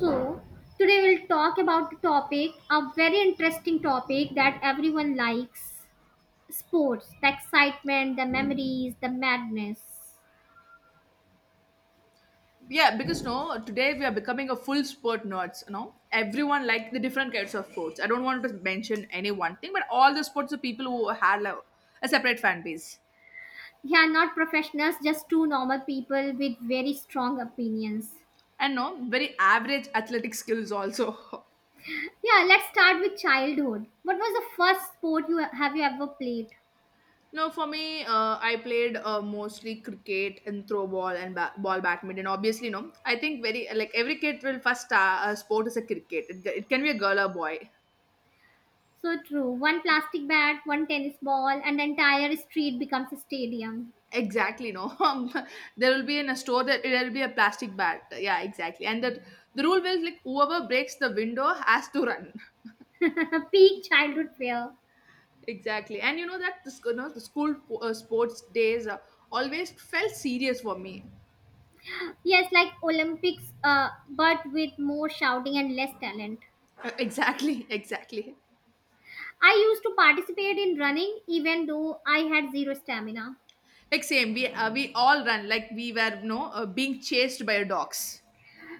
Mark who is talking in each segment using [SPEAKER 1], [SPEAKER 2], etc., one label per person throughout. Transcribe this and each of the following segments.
[SPEAKER 1] So, today we'll talk about the topic, a very interesting topic that everyone likes sports, the excitement, the memories, the madness.
[SPEAKER 2] Yeah, because no, today we are becoming a full sport nerds. You know, everyone like the different kinds of sports. I don't want to mention any one thing, but all the sports are people who have like, a separate fan base
[SPEAKER 1] Yeah, not professionals, just two normal people with very strong opinions.
[SPEAKER 2] and no very average athletic skills also.
[SPEAKER 1] Yeah, let's start with childhood. What was the first sport you ever played?
[SPEAKER 2] No, for me, I played mostly cricket and throw ball and ball badminton. Obviously, no, I think very like every kid will first sport is a cricket. It can be a girl or boy.
[SPEAKER 1] So true. One plastic bat, one tennis ball, and the entire street becomes a stadium.
[SPEAKER 2] Exactly, no. There will be in a store that there will be a plastic bat. Yeah, exactly. And that the rule was like whoever breaks the window has to run.
[SPEAKER 1] Peak childhood fear.
[SPEAKER 2] Exactly. And you know that you know, the school sports days always felt serious for me.
[SPEAKER 1] Yes, like Olympics, but with more shouting and less talent.
[SPEAKER 2] Exactly, exactly.
[SPEAKER 1] I used to participate in running even though I had zero stamina.
[SPEAKER 2] Like same, we all run like we were no being chased by dogs.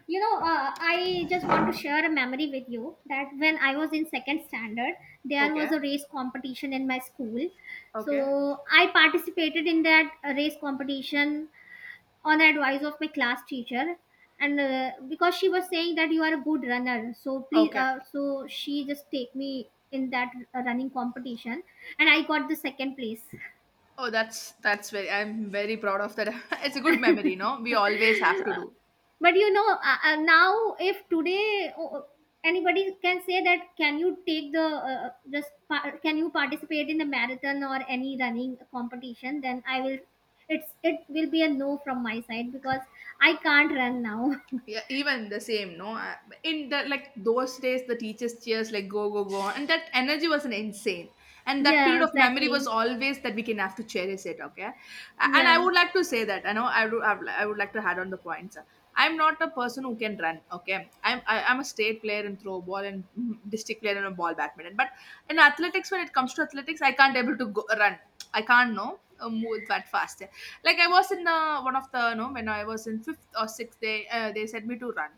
[SPEAKER 1] I just want to share a memory with you that when I was in second standard, there
[SPEAKER 2] Okay,
[SPEAKER 1] was a race competition in my school.
[SPEAKER 2] okay,
[SPEAKER 1] So I participated in that race competition on the advice of my class teacher and because she was saying that you are a good runner so please
[SPEAKER 2] okay.
[SPEAKER 1] so she just take me in that running competition and I got the second place.
[SPEAKER 2] Oh, that's very. I'm very proud of that. It's a good memory, no. We always have to do.
[SPEAKER 1] But you know now if today anybody can say that can you take the can you participate in the marathon or any running competition then I will it will be a no from my side because I can't run now.
[SPEAKER 2] Yeah, even the same no in the like those days the teachers cheers like go go go and that energy was an insane, and that
[SPEAKER 1] Yeah,
[SPEAKER 2] period of memory was
[SPEAKER 1] exactly.
[SPEAKER 2] always that we can have to cherish it okay and I
[SPEAKER 1] Yeah.
[SPEAKER 2] would like to say that I know I do I would like to add on the points. I'm not a person who can run, okay. I'm a state player in throw ball and district player in a ball badminton, but in athletics, when it comes to athletics, I can't able to go, run. I can't know move that fast. Like I was in one of the no when I was in fifth or sixth, they sent me to run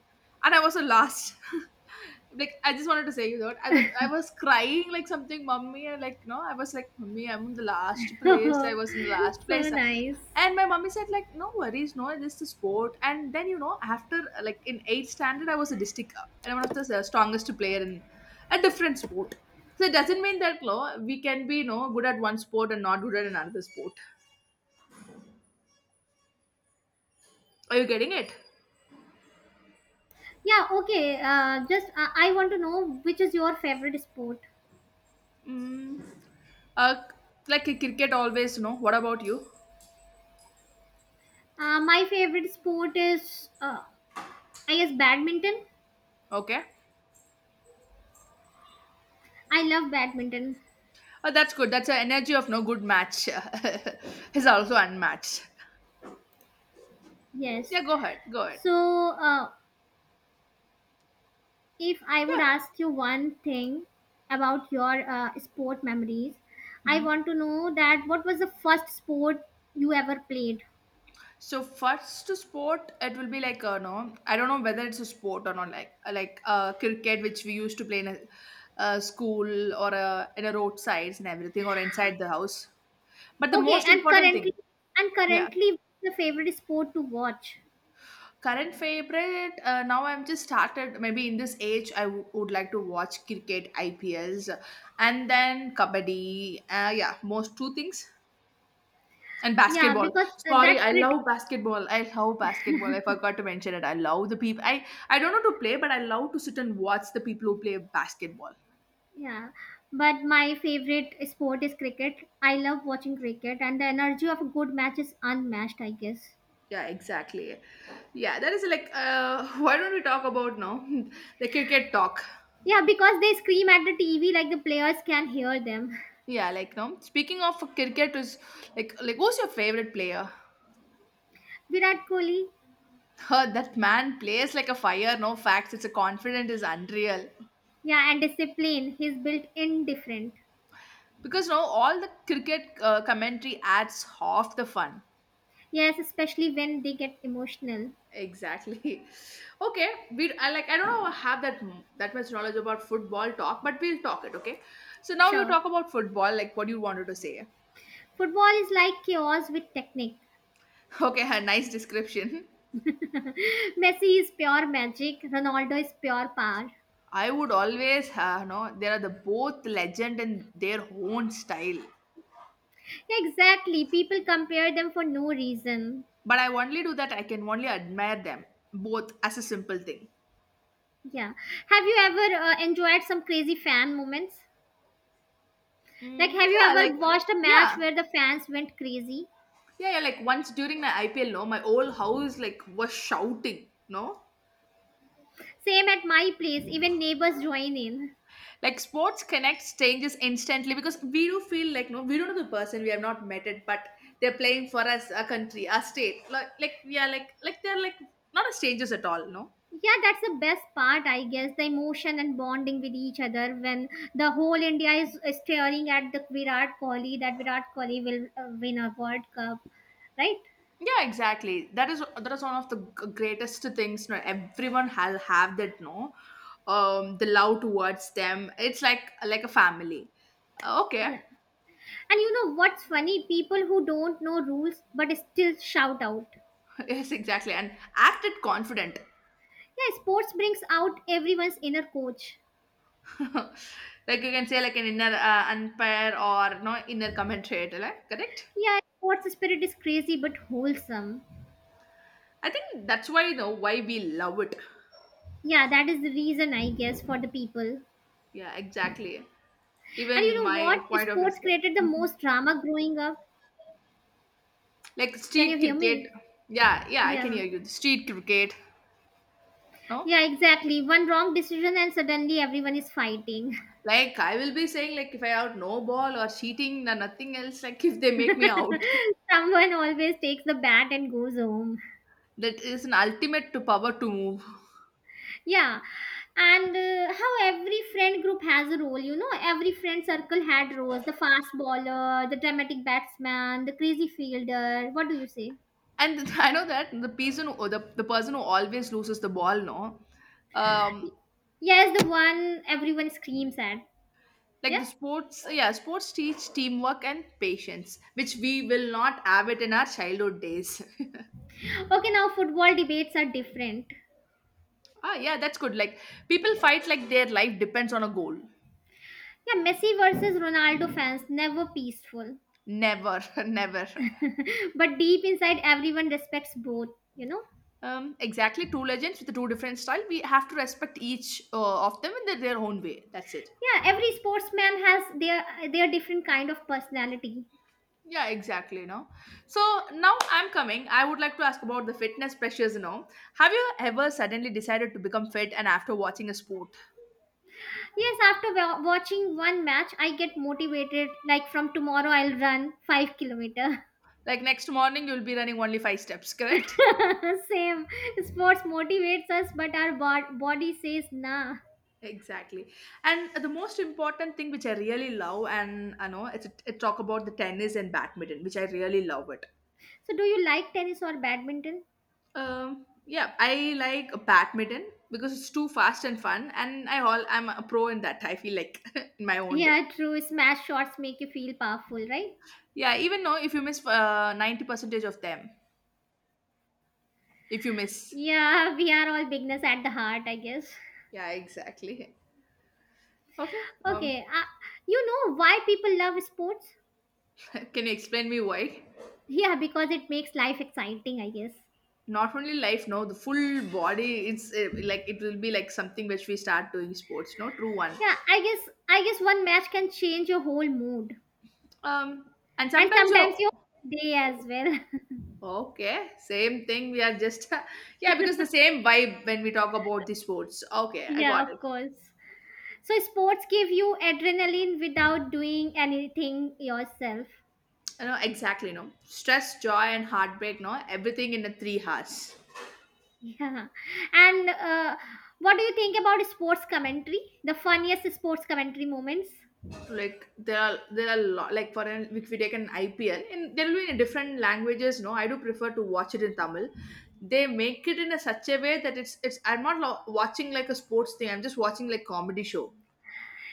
[SPEAKER 2] and I was the last. Like I just wanted to say, you know, that I was crying like something mommy and like no I was like mommy, I'm in the last place, I was in the last
[SPEAKER 1] So
[SPEAKER 2] place.
[SPEAKER 1] nice.
[SPEAKER 2] And my mommy said like no worries, no this is a sport. And then you know after like in eighth standard I was a district and one of the strongest player in a different sport. So it doesn't mean that no we can be no good at one sport and not good at another sport. Are you getting it?
[SPEAKER 1] Yeah, okay. Just I want to know which is your favorite sport.
[SPEAKER 2] Mm, uh, like a cricket always, no. What about you?
[SPEAKER 1] My favorite sport is, I guess, badminton.
[SPEAKER 2] Okay.
[SPEAKER 1] I love badminton.
[SPEAKER 2] Oh, that's good. That's the energy of no good match. Is also unmatched.
[SPEAKER 1] Yes.
[SPEAKER 2] Yeah, go ahead. Go ahead.
[SPEAKER 1] So, uh, if I would
[SPEAKER 2] Yeah.
[SPEAKER 1] ask you one thing about your sport memories, I
[SPEAKER 2] Mhm.
[SPEAKER 1] want to know that what was the first sport you ever played?
[SPEAKER 2] So first to sport, it will be like no, I don't know whether it's a sport or not. Like cricket, which we used to play in a school or a, in a roadsides and everything, or inside the house. But the
[SPEAKER 1] Okay,
[SPEAKER 2] most
[SPEAKER 1] and
[SPEAKER 2] important thing,
[SPEAKER 1] currently, and
[SPEAKER 2] yeah,
[SPEAKER 1] currently, the favorite sport to watch.
[SPEAKER 2] current favorite, now I'm just started. Maybe in this age, would like to watch cricket, IPLs, and then kabaddi. Yeah, most two things. And
[SPEAKER 1] Yeah,
[SPEAKER 2] basketball.
[SPEAKER 1] because
[SPEAKER 2] Sorry,
[SPEAKER 1] that
[SPEAKER 2] I
[SPEAKER 1] crit-
[SPEAKER 2] love basketball. I love basketball. I forgot to mention it. I love the people. I don't know to play, but I love to sit and watch the people who play basketball.
[SPEAKER 1] yeah, but my favorite sport is cricket. I love watching cricket, and the energy of a good match is unmatched, I guess.
[SPEAKER 2] Yeah, exactly. Yeah, that is like, why don't we talk about now the cricket talk?
[SPEAKER 1] Yeah, because they scream at the TV like the players can hear them.
[SPEAKER 2] Yeah, like, no. Speaking of cricket, is like who's your favorite player?
[SPEAKER 1] Virat Kohli,
[SPEAKER 2] Huh, that man plays like a fire, no facts. It's a confident is unreal.
[SPEAKER 1] yeah, and discipline. He's built indifferent.
[SPEAKER 2] Because no, all the cricket commentary adds half the fun.
[SPEAKER 1] Yes, especially when they get emotional.
[SPEAKER 2] Exactly. Okay, we I like I don't know have that that much knowledge about football talk, but we'll talk it. Okay. So now you
[SPEAKER 1] Sure.
[SPEAKER 2] talk about football, like what you wanted to say.
[SPEAKER 1] Football is like chaos with technique.
[SPEAKER 2] Okay, a nice description.
[SPEAKER 1] Messi is pure magic. Ronaldo is pure power.
[SPEAKER 2] I would always no, they are the both legend in their own style,
[SPEAKER 1] Exactly. People compare them for no reason.
[SPEAKER 2] but I only do that. I can only admire them both as a simple thing.
[SPEAKER 1] Yeah. Have you ever enjoyed some crazy fan moments? Like,
[SPEAKER 2] Mm,
[SPEAKER 1] have you
[SPEAKER 2] yeah, like
[SPEAKER 1] ever watched a match
[SPEAKER 2] yeah,
[SPEAKER 1] where the fans went crazy?
[SPEAKER 2] yeah, yeah. Like once during my IPL, no, my whole house like was shouting, no.
[SPEAKER 1] Same at my place, even neighbors join in.
[SPEAKER 2] Like sports connects changes instantly because we do feel like no, we don't know the person we have not met it, but they're playing for us, a country, a state. Like we are like they're like not as strangers at all, no.
[SPEAKER 1] Yeah, that's the best part, I guess. The emotion and bonding with each other when the whole India is staring at the Virat Kohli, that Virat Kohli will win a World Cup, right?
[SPEAKER 2] Yeah, exactly. That is one of the greatest things. No, everyone has have that. No, the love towards them. It's like a family. Okay,
[SPEAKER 1] Yeah. And you know what's funny? People who don't know rules but still shout out.
[SPEAKER 2] yes, exactly. And acted confident.
[SPEAKER 1] Yeah, sports brings out everyone's inner coach.
[SPEAKER 2] Like you can say like an inner unpair or no inner commentary, like, correct?
[SPEAKER 1] Yeah, sports spirit is crazy but wholesome.
[SPEAKER 2] I think that's why you know why we love it.
[SPEAKER 1] Yeah, that is the reason, I guess, for the people.
[SPEAKER 2] Yeah, exactly.
[SPEAKER 1] And
[SPEAKER 2] Even
[SPEAKER 1] you know what?
[SPEAKER 2] my point of view
[SPEAKER 1] Sports
[SPEAKER 2] is that
[SPEAKER 1] created the
[SPEAKER 2] mhm.
[SPEAKER 1] most drama growing up.
[SPEAKER 2] Like
[SPEAKER 1] Can you
[SPEAKER 2] street
[SPEAKER 1] hear me?
[SPEAKER 2] cricket. Yeah, yeah, I can
[SPEAKER 1] Yeah.
[SPEAKER 2] hear you. Street cricket. No?
[SPEAKER 1] Yeah, exactly. One wrong decision and suddenly everyone is fighting.
[SPEAKER 2] Like I will be saying like if I out no ball or cheating or nothing else, like if they make me out.
[SPEAKER 1] Someone always takes the bat and goes home.
[SPEAKER 2] That is an ultimate to power to move.
[SPEAKER 1] Yeah. And how every friend group has a role, you know, every friend circle had roles the fast bowler, the dramatic batsman, the crazy fielder. What do you say?
[SPEAKER 2] And I know that the person, who, the person who always loses the ball, no, um,
[SPEAKER 1] Yes, the one everyone screams at.
[SPEAKER 2] like
[SPEAKER 1] Yeah.
[SPEAKER 2] the sports, yeah, sports teach teamwork and patience, which we will not have it in our childhood days.
[SPEAKER 1] Okay, now football debates are different.
[SPEAKER 2] Ah, yeah, that's good. Like people fight like their life depends on a goal.
[SPEAKER 1] Yeah, Messi versus Ronaldo fans, never peaceful.
[SPEAKER 2] Never, never.
[SPEAKER 1] But deep inside, everyone respects both, you know?
[SPEAKER 2] Exactly, two legends with the two different style. We have to respect each of them in their own way. That's it.
[SPEAKER 1] Yeah, every sportsman has their different kind of personality.
[SPEAKER 2] Yeah, exactly. You know, so now I'm coming. I would like to ask about the fitness pressures. You know, have you ever suddenly decided to become fit and after watching a sport?
[SPEAKER 1] Yes, after watching one match, I get motivated. Like from tomorrow, I'll run 5 kilometers.
[SPEAKER 2] Like next morning, you'll be running only five steps, correct?
[SPEAKER 1] Same, sports motivates us, but our body says nah.
[SPEAKER 2] Exactly. And the most important thing which I really love, and I know it's it talk about the tennis and badminton, which I really love it.
[SPEAKER 1] So, do you like tennis or badminton?
[SPEAKER 2] Yeah, I like badminton because it's too fast and fun, and I all I'm a pro in that. I feel like in my own way.
[SPEAKER 1] Yeah, true. Smash shots make you feel powerful, right?
[SPEAKER 2] Yeah, even know if you miss 90 percentage of them, if you miss.
[SPEAKER 1] Yeah, we are all beginners at the heart, I guess.
[SPEAKER 2] Yeah, exactly. Okay.
[SPEAKER 1] Okay, you know why people love sports?
[SPEAKER 2] Can you explain me why?
[SPEAKER 1] Yeah, because it makes life exciting, I guess.
[SPEAKER 2] Not only life, no, the full body. It's like it will be like something which we start doing sports. No, true one.
[SPEAKER 1] Yeah, I guess one match can change your whole mood
[SPEAKER 2] Um, and
[SPEAKER 1] and
[SPEAKER 2] sometimes
[SPEAKER 1] sometimes your
[SPEAKER 2] you're
[SPEAKER 1] day as well.
[SPEAKER 2] okay. Same thing. We are just yeah because the same vibe when we talk about the sports. Okay, I
[SPEAKER 1] Yeah, of
[SPEAKER 2] got it.
[SPEAKER 1] course. So sports give you adrenaline without doing anything yourself.
[SPEAKER 2] No, exactly. No stress, joy, and heartbreak. No, everything in the 3 hours.
[SPEAKER 1] Yeah. And what do you think about sports commentary? The funniest sports commentary moments?
[SPEAKER 2] Like there are lot like for an if we take an IPL and there will be in different languages no I do prefer to watch it in Tamil. They make it in a such a way that it's I'm not watching like a sports thing, I'm just watching like comedy show.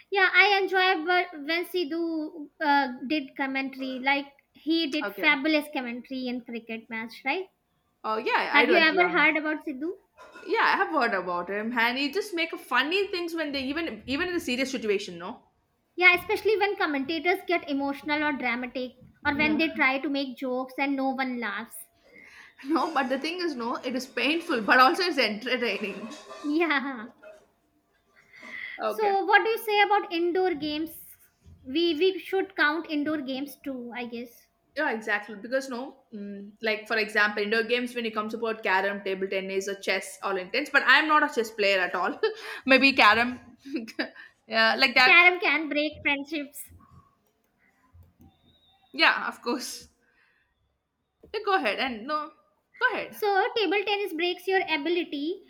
[SPEAKER 1] Yeah, I enjoy when Sidhu did commentary. Like, he did
[SPEAKER 2] Okay,
[SPEAKER 1] fabulous commentary in cricket match, right?
[SPEAKER 2] oh yeah, I
[SPEAKER 1] Have
[SPEAKER 2] do
[SPEAKER 1] you
[SPEAKER 2] agree
[SPEAKER 1] ever
[SPEAKER 2] on it.
[SPEAKER 1] heard about Sidhu?
[SPEAKER 2] Yeah, I have heard about him and he just make funny things when they even in a serious situation, no.
[SPEAKER 1] Yeah, especially when commentators get emotional or dramatic or when
[SPEAKER 2] No.
[SPEAKER 1] they try to make jokes and no one laughs.
[SPEAKER 2] No, but the thing is no it is painful but also it's entertaining.
[SPEAKER 1] Yeah.
[SPEAKER 2] Okay,
[SPEAKER 1] So, what do you say about indoor games? We should count indoor games too, I guess.
[SPEAKER 2] yeah, exactly, because no like for example indoor games when it comes about carom, table tennis or chess, all intents, but I'm not a chess player at all. Maybe carom. Yeah, like that.
[SPEAKER 1] Carom can break friendships.
[SPEAKER 2] Yeah, of course. Yeah, go ahead and no, go ahead.
[SPEAKER 1] So table tennis breaks your ability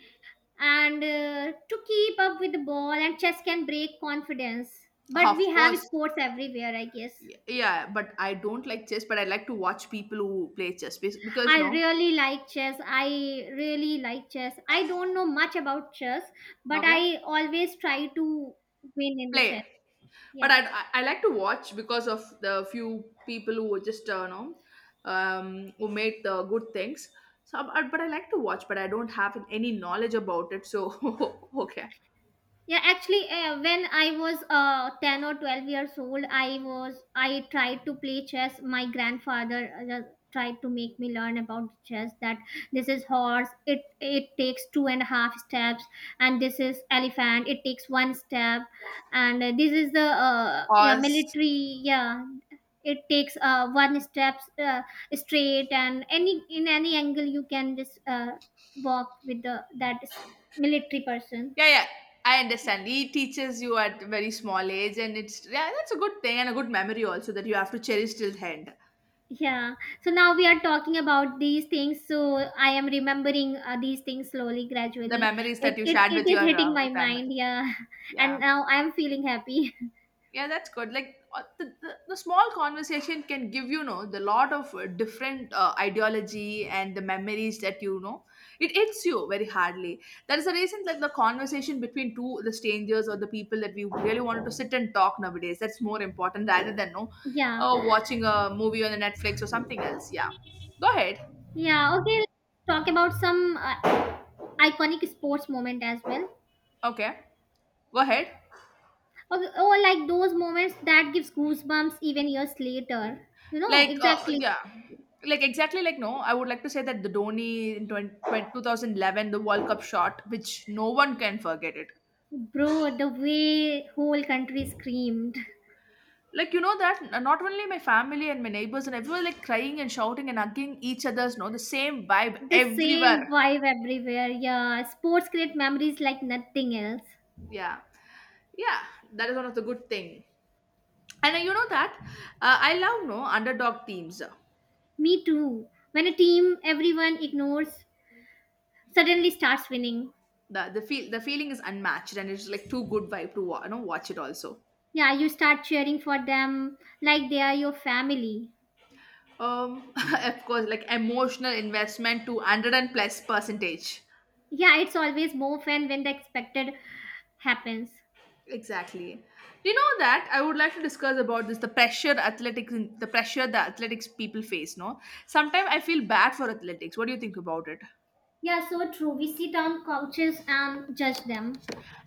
[SPEAKER 1] and to keep up with the ball and chess can break confidence. But
[SPEAKER 2] Of
[SPEAKER 1] we have
[SPEAKER 2] course.
[SPEAKER 1] sports everywhere, I guess.
[SPEAKER 2] Y- yeah, but I don't like chess but I like to watch people who play chess, because
[SPEAKER 1] I
[SPEAKER 2] no,
[SPEAKER 1] really like chess. I really like chess. I don't know much about chess, but
[SPEAKER 2] okay,
[SPEAKER 1] I always try to win in the chess.
[SPEAKER 2] play. But
[SPEAKER 1] Yeah.
[SPEAKER 2] I like to watch because of the few people who just know who made the good things. So, but I like to watch, but I don't have any knowledge about it. So, okay.
[SPEAKER 1] Yeah, actually, when I was 10 or 12 years old, I tried to play chess. My grandfather just tried to make me learn about chess that this is horse it takes two and a half steps, and this is elephant it takes one step, and this is the
[SPEAKER 2] Or
[SPEAKER 1] yeah
[SPEAKER 2] s-
[SPEAKER 1] military yeah it takes one step straight and any angle you can just walk with the that is military person.
[SPEAKER 2] yeah, yeah, I understand. He teaches you at very small age, and it's yeah, that's a good thing and a good memory also that you have to cherish till the end.
[SPEAKER 1] Yeah. So now we are talking about these things. So I am remembering these things slowly,
[SPEAKER 2] The
[SPEAKER 1] gradually.
[SPEAKER 2] memories
[SPEAKER 1] It,
[SPEAKER 2] that you
[SPEAKER 1] it
[SPEAKER 2] shared
[SPEAKER 1] it
[SPEAKER 2] with
[SPEAKER 1] is
[SPEAKER 2] your
[SPEAKER 1] hitting my mind.
[SPEAKER 2] grandmother.
[SPEAKER 1] Yeah. And
[SPEAKER 2] Yeah.
[SPEAKER 1] now I am feeling happy.
[SPEAKER 2] Yeah, that's good. Like the small conversation can give the lot of different ideology and the memories that it hits you very hardly. There is a reason that the conversation between two, the strangers, or the people that we really wanted to sit and talk nowadays, that's more important rather than, no,
[SPEAKER 1] Yeah.
[SPEAKER 2] watching a movie on the Netflix or something else. Yeah. Go ahead.
[SPEAKER 1] Yeah. Okay. Let's talk about some iconic sports moment as well.
[SPEAKER 2] Okay, go ahead.
[SPEAKER 1] Okay. Oh, like those moments that gives goosebumps even years later. You know
[SPEAKER 2] Like
[SPEAKER 1] exactly,
[SPEAKER 2] yeah, like exactly, like no, I would like to say that the Dhoni in 20 20 2011 the World Cup shot, which no one can forget it.
[SPEAKER 1] bro. The way whole country screamed.
[SPEAKER 2] Like you know that not only my family and my neighbors and everyone, like crying and shouting and hugging each other's, no, the same vibe
[SPEAKER 1] The same
[SPEAKER 2] everywhere.
[SPEAKER 1] vibe everywhere. Yeah. Sports create memories like nothing else.
[SPEAKER 2] Yeah. Yeah, that is one of the good thing. And you know that I love, no, underdog teams.
[SPEAKER 1] Me too. When a team everyone ignores suddenly starts winning.
[SPEAKER 2] The feeling is unmatched and it's like too good vibe to watch it also.
[SPEAKER 1] Yeah, you start cheering for them like they are your family.
[SPEAKER 2] Um, of course, like emotional investment to 100 plus percentage.
[SPEAKER 1] Yeah, it's always more fun when the expected happens.
[SPEAKER 2] Exactly. You know that I would like to discuss about this, the pressure athletics, the pressure the athletics people face, no? Sometimes I feel bad for athletics. What do you think about it?
[SPEAKER 1] Yeah, so true. We sit on couches and judge them.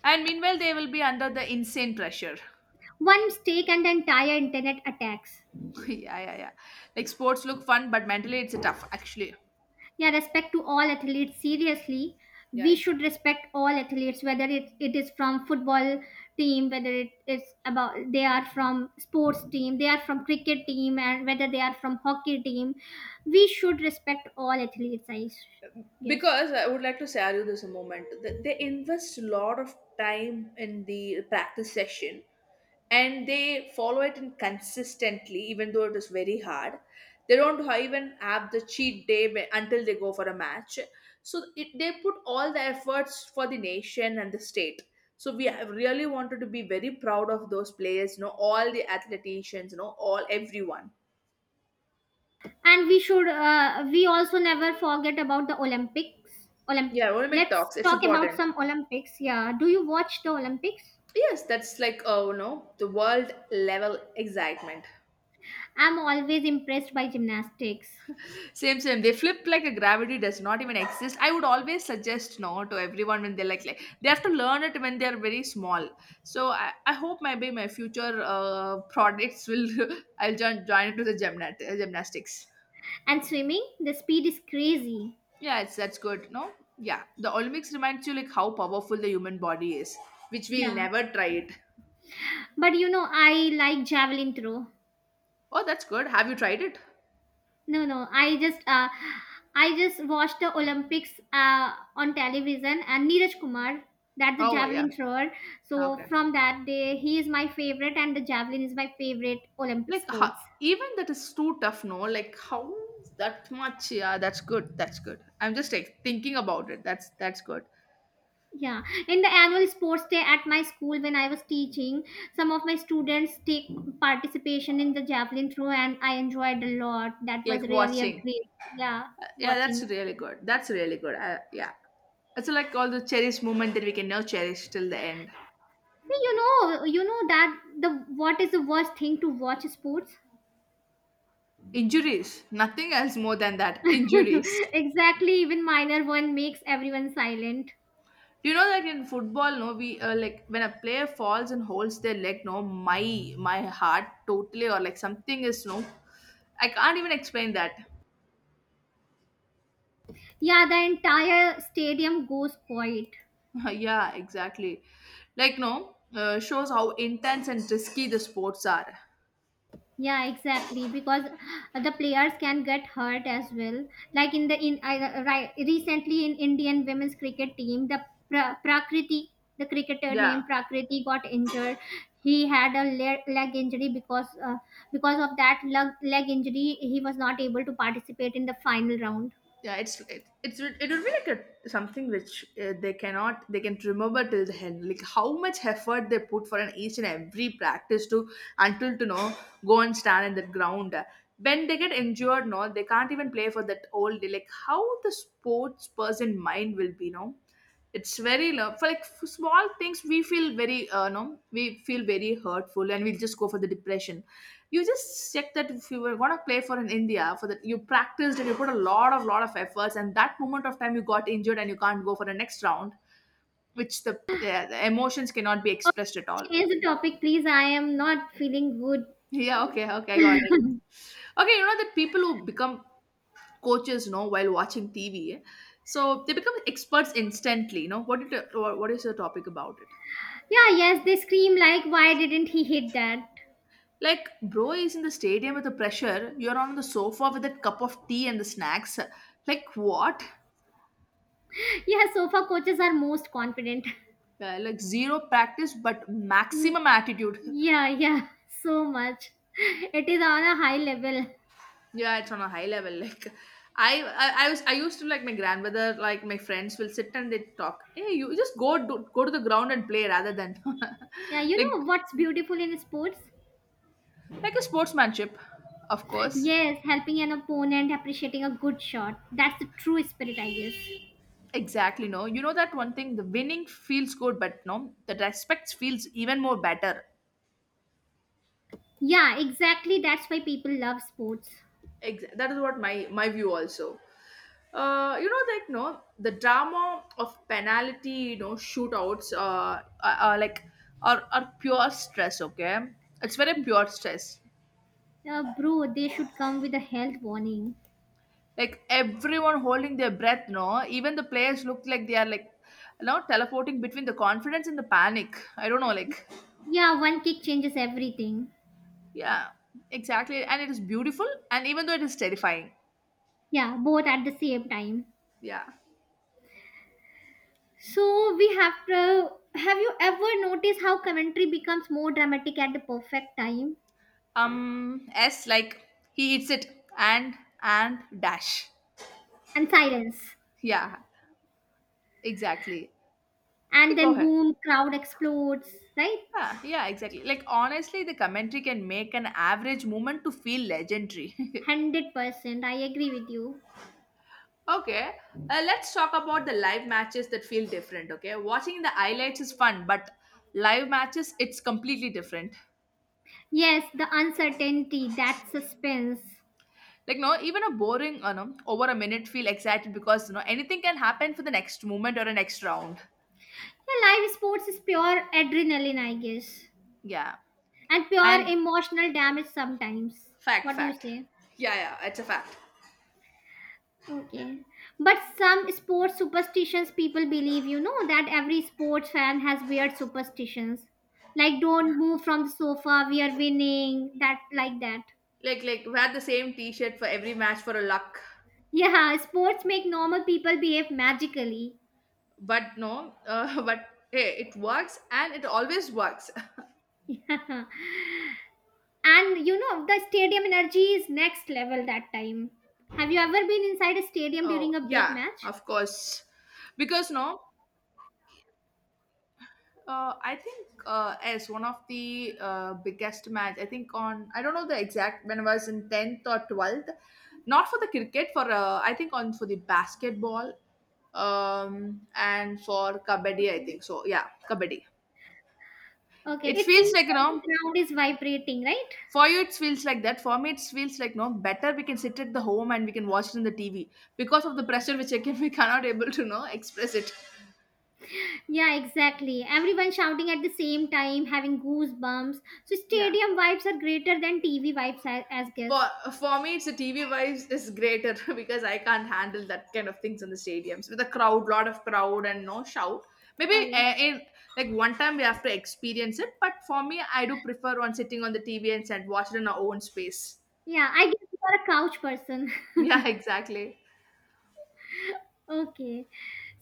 [SPEAKER 2] And meanwhile they will be under the insane pressure.
[SPEAKER 1] One mistake and the entire internet attacks.
[SPEAKER 2] Yeah, yeah, yeah. Like sports look fun, but mentally it's a tough actually.
[SPEAKER 1] Yeah, respect to all athletes seriously. We
[SPEAKER 2] Yeah,
[SPEAKER 1] should respect all athletes whether it is from football team, whether it is about they are from sports team, they are from cricket team, and whether they are from hockey team, we should respect all athletes yes.
[SPEAKER 2] because I would like to say, argue this a moment. They invest a lot of time in the practice session and they follow it in consistently, even though it is very hard. They don't even have the cheat day until they go for a match. So they put all the efforts for the nation and the state. So we have really wanted to be very proud of those players, all the athleticians, all everyone.
[SPEAKER 1] And we should we also never forget about the Olympics. Olymp-
[SPEAKER 2] Yeah, I want to make
[SPEAKER 1] let's
[SPEAKER 2] talks. It's
[SPEAKER 1] talk about
[SPEAKER 2] important.
[SPEAKER 1] some Olympics. Yeah, do you watch the Olympics?
[SPEAKER 2] Yes, that's like oh no, the world level excitement.
[SPEAKER 1] I'm always impressed by gymnastics.
[SPEAKER 2] Same, same. They flip like a gravity does not even exist. I would always suggest no to everyone when they're like, they have to learn it when they're very small. So I hope maybe my future products will I'll join it to the gymnast, gymnastics.
[SPEAKER 1] And swimming, the speed is crazy.
[SPEAKER 2] Yeah, it's that's good. No, yeah, the Olympics reminds you like how powerful the human body is, which we'll
[SPEAKER 1] Yeah.
[SPEAKER 2] never try it.
[SPEAKER 1] But you know, I like javelin throw.
[SPEAKER 2] Oh, that's good. Have you tried it?
[SPEAKER 1] No, no, I just watched the Olympics on television and Neeraj Kumar, that the
[SPEAKER 2] Oh yeah.
[SPEAKER 1] javelin thrower. So
[SPEAKER 2] Okay.
[SPEAKER 1] from that day he is my favorite and the javelin is my favorite Olympic
[SPEAKER 2] Like how,
[SPEAKER 1] sports.
[SPEAKER 2] even that is too tough, no, like how that much. Yeah, that's good, that's good. I'm just like thinking about it. That's good.
[SPEAKER 1] Yeah, in the annual sports day at my school when I was teaching, some of my students take participation in the javelin throw, and I enjoyed a lot. That was
[SPEAKER 2] Like
[SPEAKER 1] really a
[SPEAKER 2] watching.
[SPEAKER 1] great, yeah,
[SPEAKER 2] Yeah, that's
[SPEAKER 1] watching.
[SPEAKER 2] really good, that's really good, yeah. It's like all the cherished moment that we can now cherish till the end.
[SPEAKER 1] See, you know, you know that the what is the worst thing to watch sports?
[SPEAKER 2] Injuries. Nothing else more than that, injuries.
[SPEAKER 1] Exactly, even minor one makes everyone silent.
[SPEAKER 2] You know that in football, no, we like when a player falls and holds their leg, no, my my heart totally, or like something is, no, I can't even explain that.
[SPEAKER 1] Yeah, the entire stadium goes quiet.
[SPEAKER 2] Yeah, exactly. Like no, shows how intense and risky the sports are.
[SPEAKER 1] Yeah, exactly. Because the players can get hurt as well. Like in the in I right recently in Indian women's cricket team, the Prakriti, the cricketer
[SPEAKER 2] Yeah,
[SPEAKER 1] named Prakriti, got injured. He had a leg injury because of that leg injury, he was not able to participate in the final round.
[SPEAKER 2] yeah. It would be like a, something which they cannot they can remember till the end. Like how much effort they put for an each and every practice to until to know, go and stand in the ground. When they get injured, no, they can't even play for that whole day. Like how the sports person mind will be, no. It's very love for like, for small things we feel very no, we feel very hurtful and we'll just go for the depression. You just check that if you were going to play for an India, for that you practiced and you put a lot of efforts, and that moment of time you got injured and you can't go for the next round. Which the, yeah, the emotions cannot be
[SPEAKER 1] Oh,
[SPEAKER 2] expressed at all.
[SPEAKER 1] change the topic, please. I am not feeling good.
[SPEAKER 2] Yeah, okay, okay, I got it. Okay, you know that people who become coaches while watching TV, eh? So they become experts instantly, you know what, did, what is your topic about it?
[SPEAKER 1] Yeah, yes, they scream like, why didn't he hit that?
[SPEAKER 2] Like, bro is in the stadium with the pressure. You're on the sofa with that cup of tea and the snacks. Like, what?
[SPEAKER 1] Yeah, sofa coaches are most confident.
[SPEAKER 2] Yeah, like, zero practice, but maximum attitude.
[SPEAKER 1] Yeah, yeah, so much. It is on a high level.
[SPEAKER 2] Yeah, it's on a high level. Like, I used to like my grandmother, like my friends will sit and they talk. Hey, you just go, go to the ground and play rather than,
[SPEAKER 1] Yeah, you
[SPEAKER 2] like,
[SPEAKER 1] know what's beautiful in sports?
[SPEAKER 2] like a sportsmanship, of course.
[SPEAKER 1] Yes, helping an opponent, appreciating a good shot. That's the true spirit, I guess.
[SPEAKER 2] Exactly. No, you know that one thing. The winning feels good, but no, the respect feels even more better.
[SPEAKER 1] Yeah, exactly. That's why people love sports.
[SPEAKER 2] That is what my view also. You know, like, no, the drama of penalty shootouts, are like are pure stress. Okay, it's very pure stress.
[SPEAKER 1] Bro, they should come with a health warning.
[SPEAKER 2] Like everyone holding their breath, no, even the players look like they are like teleporting between the confidence and the panic. I don't know. Like.
[SPEAKER 1] Yeah, one kick changes everything.
[SPEAKER 2] Yeah, exactly, and it is beautiful, and even though it is terrifying.
[SPEAKER 1] Yeah, both at the same time.
[SPEAKER 2] Yeah.
[SPEAKER 1] So we have to. Have you ever noticed how commentary becomes more dramatic at the perfect time?
[SPEAKER 2] S Like, he eats it, and dash.
[SPEAKER 1] And silence.
[SPEAKER 2] Yeah, exactly.
[SPEAKER 1] And
[SPEAKER 2] Yeah. Go
[SPEAKER 1] then
[SPEAKER 2] ahead.
[SPEAKER 1] boom crowd explodes right.
[SPEAKER 2] Yeah, yeah, exactly. Like honestly, the commentary can make an average moment to feel legendary.
[SPEAKER 1] 100% I agree with you.
[SPEAKER 2] Okay, let's talk about the live matches that feel different. Okay, watching the highlights is fun, but live matches it's completely different.
[SPEAKER 1] Yes, the uncertainty that suspense.
[SPEAKER 2] Like no, even a boring, over a minute feel excited because you know anything can happen for the next moment or a next round.
[SPEAKER 1] Yeah, live sports is pure adrenaline, I guess.
[SPEAKER 2] Yeah,
[SPEAKER 1] And pure
[SPEAKER 2] and
[SPEAKER 1] emotional damage sometimes.
[SPEAKER 2] fact,
[SPEAKER 1] What do you
[SPEAKER 2] fact.
[SPEAKER 1] say?
[SPEAKER 2] Yeah, yeah, it's a fact.
[SPEAKER 1] Okay, but some sports superstitions people believe, you know that every sports fan has weird superstitions like don't move from the sofa we are winning, that like that.
[SPEAKER 2] Like wear the same t-shirt for every match for a luck.
[SPEAKER 1] Yeah, sports make normal people behave magically.
[SPEAKER 2] But no, but hey, it works and it always works.
[SPEAKER 1] Yeah. And you know, the stadium energy is next level that time. Have you ever been inside a stadium during
[SPEAKER 2] Oh
[SPEAKER 1] a big
[SPEAKER 2] yeah,
[SPEAKER 1] match?
[SPEAKER 2] of course, because no, I think as one of the biggest match, I think on, I don't know the exact, when I was in 10th or 12th, not for the cricket, for I think on for the basketball, and for kabaddi I
[SPEAKER 1] Okay.
[SPEAKER 2] think so, yeah, kabaddi.
[SPEAKER 1] Okay,
[SPEAKER 2] It
[SPEAKER 1] it
[SPEAKER 2] feels
[SPEAKER 1] feels
[SPEAKER 2] like, you
[SPEAKER 1] like
[SPEAKER 2] know,
[SPEAKER 1] the ground is vibrating, right?
[SPEAKER 2] for you it feels like that, for me it feels like no, better we can sit at the home and we can watch it in the TV. Because of the pressure which again, we cannot able to know express it.
[SPEAKER 1] Yeah, exactly. Everyone shouting at the same time, having goosebumps. So
[SPEAKER 2] Yeah,
[SPEAKER 1] stadium vibes are greater than TV vibes, I, as
[SPEAKER 2] for
[SPEAKER 1] guess.
[SPEAKER 2] for me it's the TV wise is greater. Because I can't handle that kind of things in the stadiums with a crowd, lot of crowd, and no shout. Maybe
[SPEAKER 1] Okay.
[SPEAKER 2] in, like one time we have to experience it, but for me I do prefer on sitting on the TV and said watch it in our own space.
[SPEAKER 1] Yeah, I guess you are a couch person.
[SPEAKER 2] Yeah. Exactly.
[SPEAKER 1] Okay.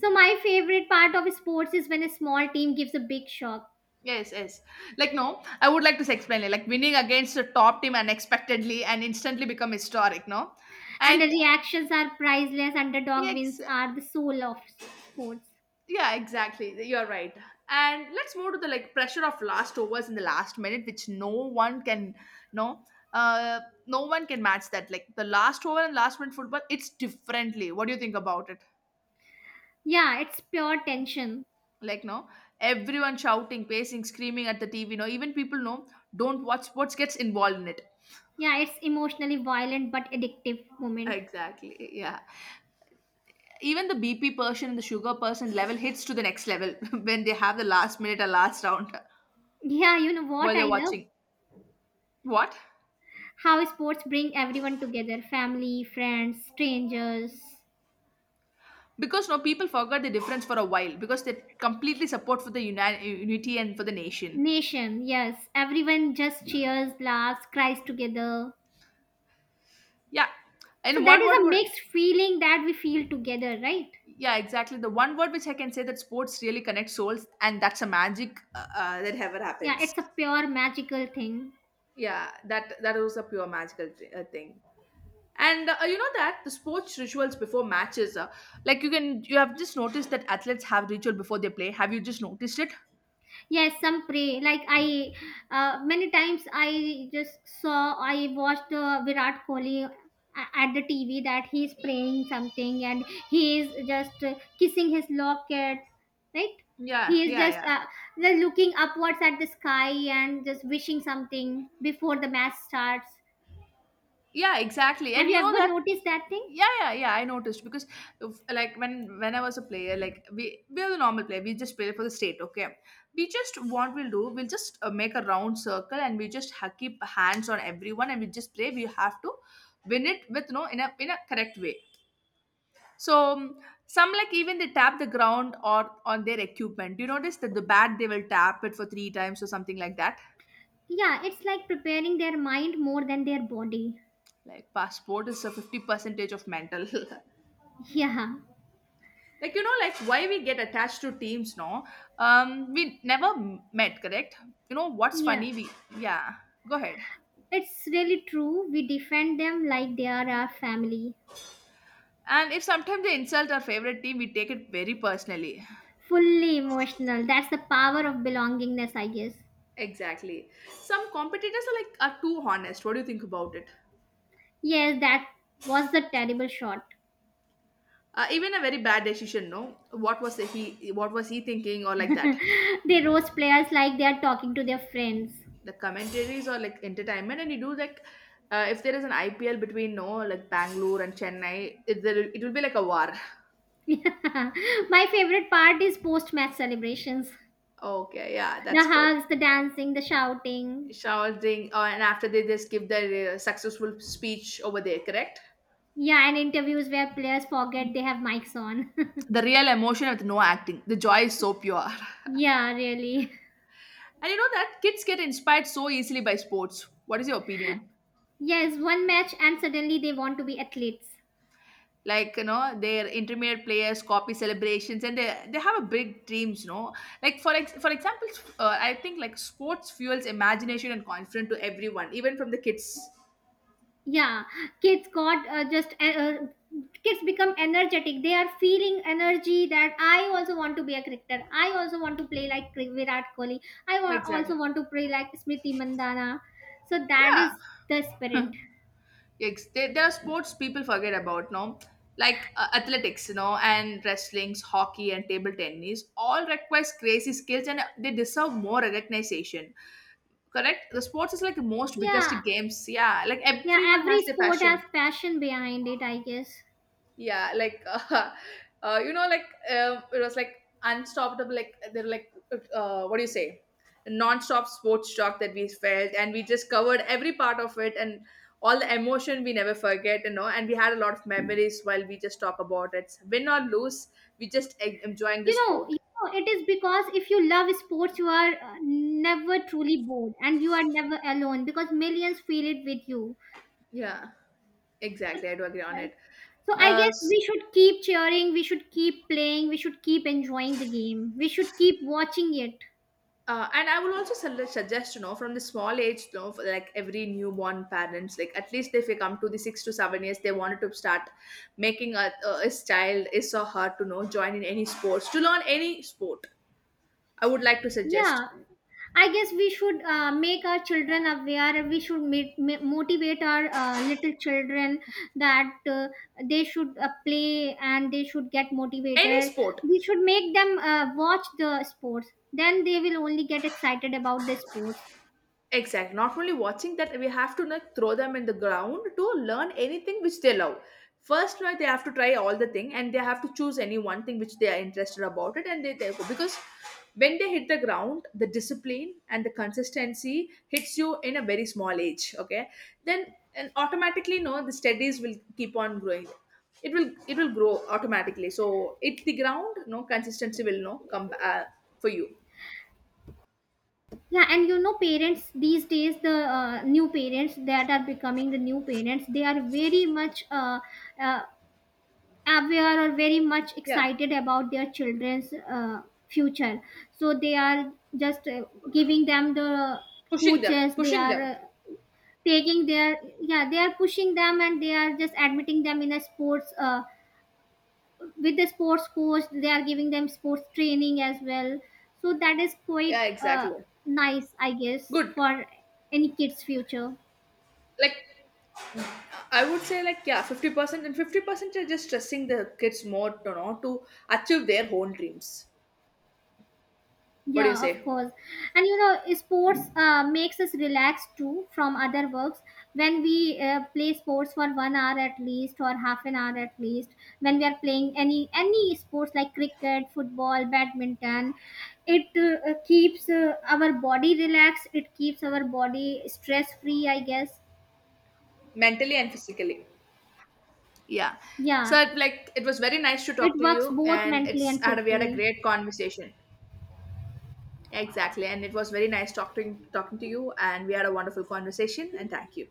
[SPEAKER 1] So my favorite part of sports is when a small team gives a big shock.
[SPEAKER 2] Yes, yes. Like no, I would like to explain it. Like winning against a top team unexpectedly and instantly become historic, no?
[SPEAKER 1] And the
[SPEAKER 2] And
[SPEAKER 1] reactions are priceless. Underdog wins
[SPEAKER 2] yes,
[SPEAKER 1] are the soul of sports.
[SPEAKER 2] yeah, exactly. You're right. And let's move to the like pressure of last overs in the last minute, which no one can, no, uh no one can match that. Like the last over and last minute football, it's differently. What do you think about it?
[SPEAKER 1] Yeah, it's pure tension.
[SPEAKER 2] Like no, everyone shouting, pacing, screaming at the TV, no, even people no don't watch sports gets involved in it.
[SPEAKER 1] Yeah, it's emotionally violent but addictive moment.
[SPEAKER 2] Exactly. Yeah. Even the BP person and the sugar person level hits to the next level when they have the last minute or last round.
[SPEAKER 1] yeah you know what
[SPEAKER 2] While
[SPEAKER 1] i
[SPEAKER 2] they're
[SPEAKER 1] love
[SPEAKER 2] watching. What?
[SPEAKER 1] how sports bring everyone together, family, friends, strangers,
[SPEAKER 2] Because no people forgot the difference for a while because they completely support for the unity and for the nation.
[SPEAKER 1] nation. Yes, everyone just cheers, laughs, cries together.
[SPEAKER 2] Yeah,
[SPEAKER 1] So
[SPEAKER 2] and
[SPEAKER 1] that
[SPEAKER 2] one
[SPEAKER 1] is
[SPEAKER 2] word
[SPEAKER 1] a
[SPEAKER 2] would,
[SPEAKER 1] mixed feeling that we feel together, right?
[SPEAKER 2] yeah exactly, the one word which I can say that sports really connect souls, and that's a magic that ever
[SPEAKER 1] Yeah,
[SPEAKER 2] happens.
[SPEAKER 1] it's a pure magical thing.
[SPEAKER 2] Yeah, that was a pure magical thing. And you know that the sports rituals before matches, like you can, you have just noticed that athletes have ritual before they play. Have you just noticed it?
[SPEAKER 1] Yes, some pray. Many times I just saw, I watched Virat Kohli at the TV that he's praying something and he is just kissing his locket, right?
[SPEAKER 2] Yeah,
[SPEAKER 1] He is
[SPEAKER 2] yeah,
[SPEAKER 1] just
[SPEAKER 2] yeah,
[SPEAKER 1] just looking upwards at the sky and just wishing something before the match starts.
[SPEAKER 2] yeah, exactly.
[SPEAKER 1] Have
[SPEAKER 2] And
[SPEAKER 1] you
[SPEAKER 2] you know
[SPEAKER 1] ever
[SPEAKER 2] that,
[SPEAKER 1] noticed that thing?
[SPEAKER 2] yeah, yeah, yeah, I noticed because, like, when I was a player, like we are the normal player. We just play for the state. Okay, we just what we'll do, we'll just make a round circle and we just keep hands on everyone and we just play. We have to win it with no in a correct way. So some, like, even they tap the ground or on their equipment. Do you notice that the bat they will tap it for three times or something like that?
[SPEAKER 1] Yeah, it's like preparing their mind more than their body.
[SPEAKER 2] Like passport is a 50 percentage of mental.
[SPEAKER 1] Yeah,
[SPEAKER 2] Like you know, like why we get attached to teams? No, we never met, correct? You know what's
[SPEAKER 1] yeah.
[SPEAKER 2] funny? We, yeah, go ahead.
[SPEAKER 1] It's really true. We defend them like they are our family.
[SPEAKER 2] And if sometimes they insult our favorite team, we take it very personally.
[SPEAKER 1] Fully emotional. That's the power of belongingness, I guess.
[SPEAKER 2] Exactly. Some competitors are, like, are too honest. What do you think about it?
[SPEAKER 1] Yes, that was the terrible shot.
[SPEAKER 2] Even a very bad decision, no? What was he? What was he thinking, or like that?
[SPEAKER 1] They roast players like they are talking to their friends.
[SPEAKER 2] The commentaries or like entertainment, and you do like, if there is an IPL between, no, like Bangalore and Chennai, it will be like a war.
[SPEAKER 1] My favorite part is post match celebrations,
[SPEAKER 2] Okay, yeah,
[SPEAKER 1] the
[SPEAKER 2] that's good.
[SPEAKER 1] hugs, the dancing, the shouting.
[SPEAKER 2] Shouting, and after they just give their successful speech over there, correct?
[SPEAKER 1] Yeah, and interviews where players forget they have mics on.
[SPEAKER 2] The real emotion with no acting. The joy is so pure.
[SPEAKER 1] Yeah, really.
[SPEAKER 2] And you know that kids get inspired so easily by sports. What is your opinion?
[SPEAKER 1] Yes, one match and suddenly they want to be athletes.
[SPEAKER 2] Like you know their intermediate players copy celebrations and they have a big dreams. Like for for example, I think like sports fuels imagination and confidence to everyone even from the kids.
[SPEAKER 1] Yeah, kids got just kids become energetic, they are feeling energy that I also want to be a cricketer, I also want to play like Virat Kohli, I
[SPEAKER 2] Exactly.
[SPEAKER 1] also want to play like Smriti Mandana. So that
[SPEAKER 2] Yeah.
[SPEAKER 1] is the spirit.
[SPEAKER 2] There, are sports people forget about, no, like athletics, and wrestlings, hockey, and table tennis all requires crazy skills and they deserve more recognition. Correct, the sports is like the most biggest
[SPEAKER 1] Yeah,
[SPEAKER 2] games. Yeah, like
[SPEAKER 1] yeah,
[SPEAKER 2] everyone
[SPEAKER 1] every
[SPEAKER 2] has their
[SPEAKER 1] sport has
[SPEAKER 2] passion.
[SPEAKER 1] passion behind it, I guess.
[SPEAKER 2] Yeah, like you know, like it was like unstoppable, like they're like, what do you say, non-stop sports talk that we felt and we just covered every part of it, and all the emotion we never forget, and we had a lot of memories while we just talk about it, win or lose, we just enjoying the
[SPEAKER 1] you know,
[SPEAKER 2] sport.
[SPEAKER 1] you know it is because if you love sports you are never truly bored and you are never alone because millions feel it with you.
[SPEAKER 2] Yeah, exactly, I do agree on
[SPEAKER 1] So,
[SPEAKER 2] it.
[SPEAKER 1] So, I
[SPEAKER 2] uh,
[SPEAKER 1] guess we should keep cheering, we should keep playing, we should keep enjoying the game, we should keep watching it.
[SPEAKER 2] And I will also suggest, you know, from the small age, you know, for like every newborn parents, like at least if they come to the 6 to 7 years, they wanted to start making a his child is or her to know join in any sports to learn any sport. I would like to suggest
[SPEAKER 1] Yeah, I guess we should make our children aware, we should motivate our little children that they should play and they should get
[SPEAKER 2] any
[SPEAKER 1] motivated.
[SPEAKER 2] sport.
[SPEAKER 1] We should make them watch the sports, then they will only get excited about the sports.
[SPEAKER 2] Exactly. Not only watching that, we have to like, throw them in the ground to learn anything which they love. First, right, they have to try all the thing, and they have to choose any one thing which they are interested about it, and they go because when they hit the ground, the discipline and the consistency hits you in a very small age. Okay, then and automatically, no, the studies will keep on growing. It will grow automatically. So hit the ground, no consistency will no come for you.
[SPEAKER 1] Yeah, and you know parents these days, the new parents that are becoming the new parents, they are very much uh, aware or very much
[SPEAKER 2] Yeah,
[SPEAKER 1] excited about their children's future, so they are just giving them the
[SPEAKER 2] pushing them,
[SPEAKER 1] coaches, they
[SPEAKER 2] pushing
[SPEAKER 1] are
[SPEAKER 2] them.
[SPEAKER 1] taking their, yeah, they are pushing them and they are just admitting them in a sports with the sports coach, they are giving them sports training as well. So that is
[SPEAKER 2] Yeah,
[SPEAKER 1] quite
[SPEAKER 2] exactly.
[SPEAKER 1] nice, I guess,
[SPEAKER 2] Good.
[SPEAKER 1] for any kid's future.
[SPEAKER 2] Like I would say like yeah, 50% and 50% are just stressing the kids more to know to achieve their own dreams. What do you
[SPEAKER 1] Yeah, of
[SPEAKER 2] say?
[SPEAKER 1] course. And you know sports makes us relax too from other works. When we play sports for 1 hour at least or half an hour at least, when we are playing any sports like cricket, football, badminton, it keeps our body relaxed, it keeps our body stress free, I guess.
[SPEAKER 2] Mentally and physically. Yeah.
[SPEAKER 1] Yeah,
[SPEAKER 2] So like it was very nice to talk
[SPEAKER 1] it
[SPEAKER 2] to
[SPEAKER 1] works
[SPEAKER 2] you
[SPEAKER 1] both
[SPEAKER 2] and
[SPEAKER 1] mentally
[SPEAKER 2] it's
[SPEAKER 1] and
[SPEAKER 2] had we had a
[SPEAKER 1] physically.
[SPEAKER 2] great conversation. Exactly. And it was very nice talking to you and we had a wonderful conversation and thank you.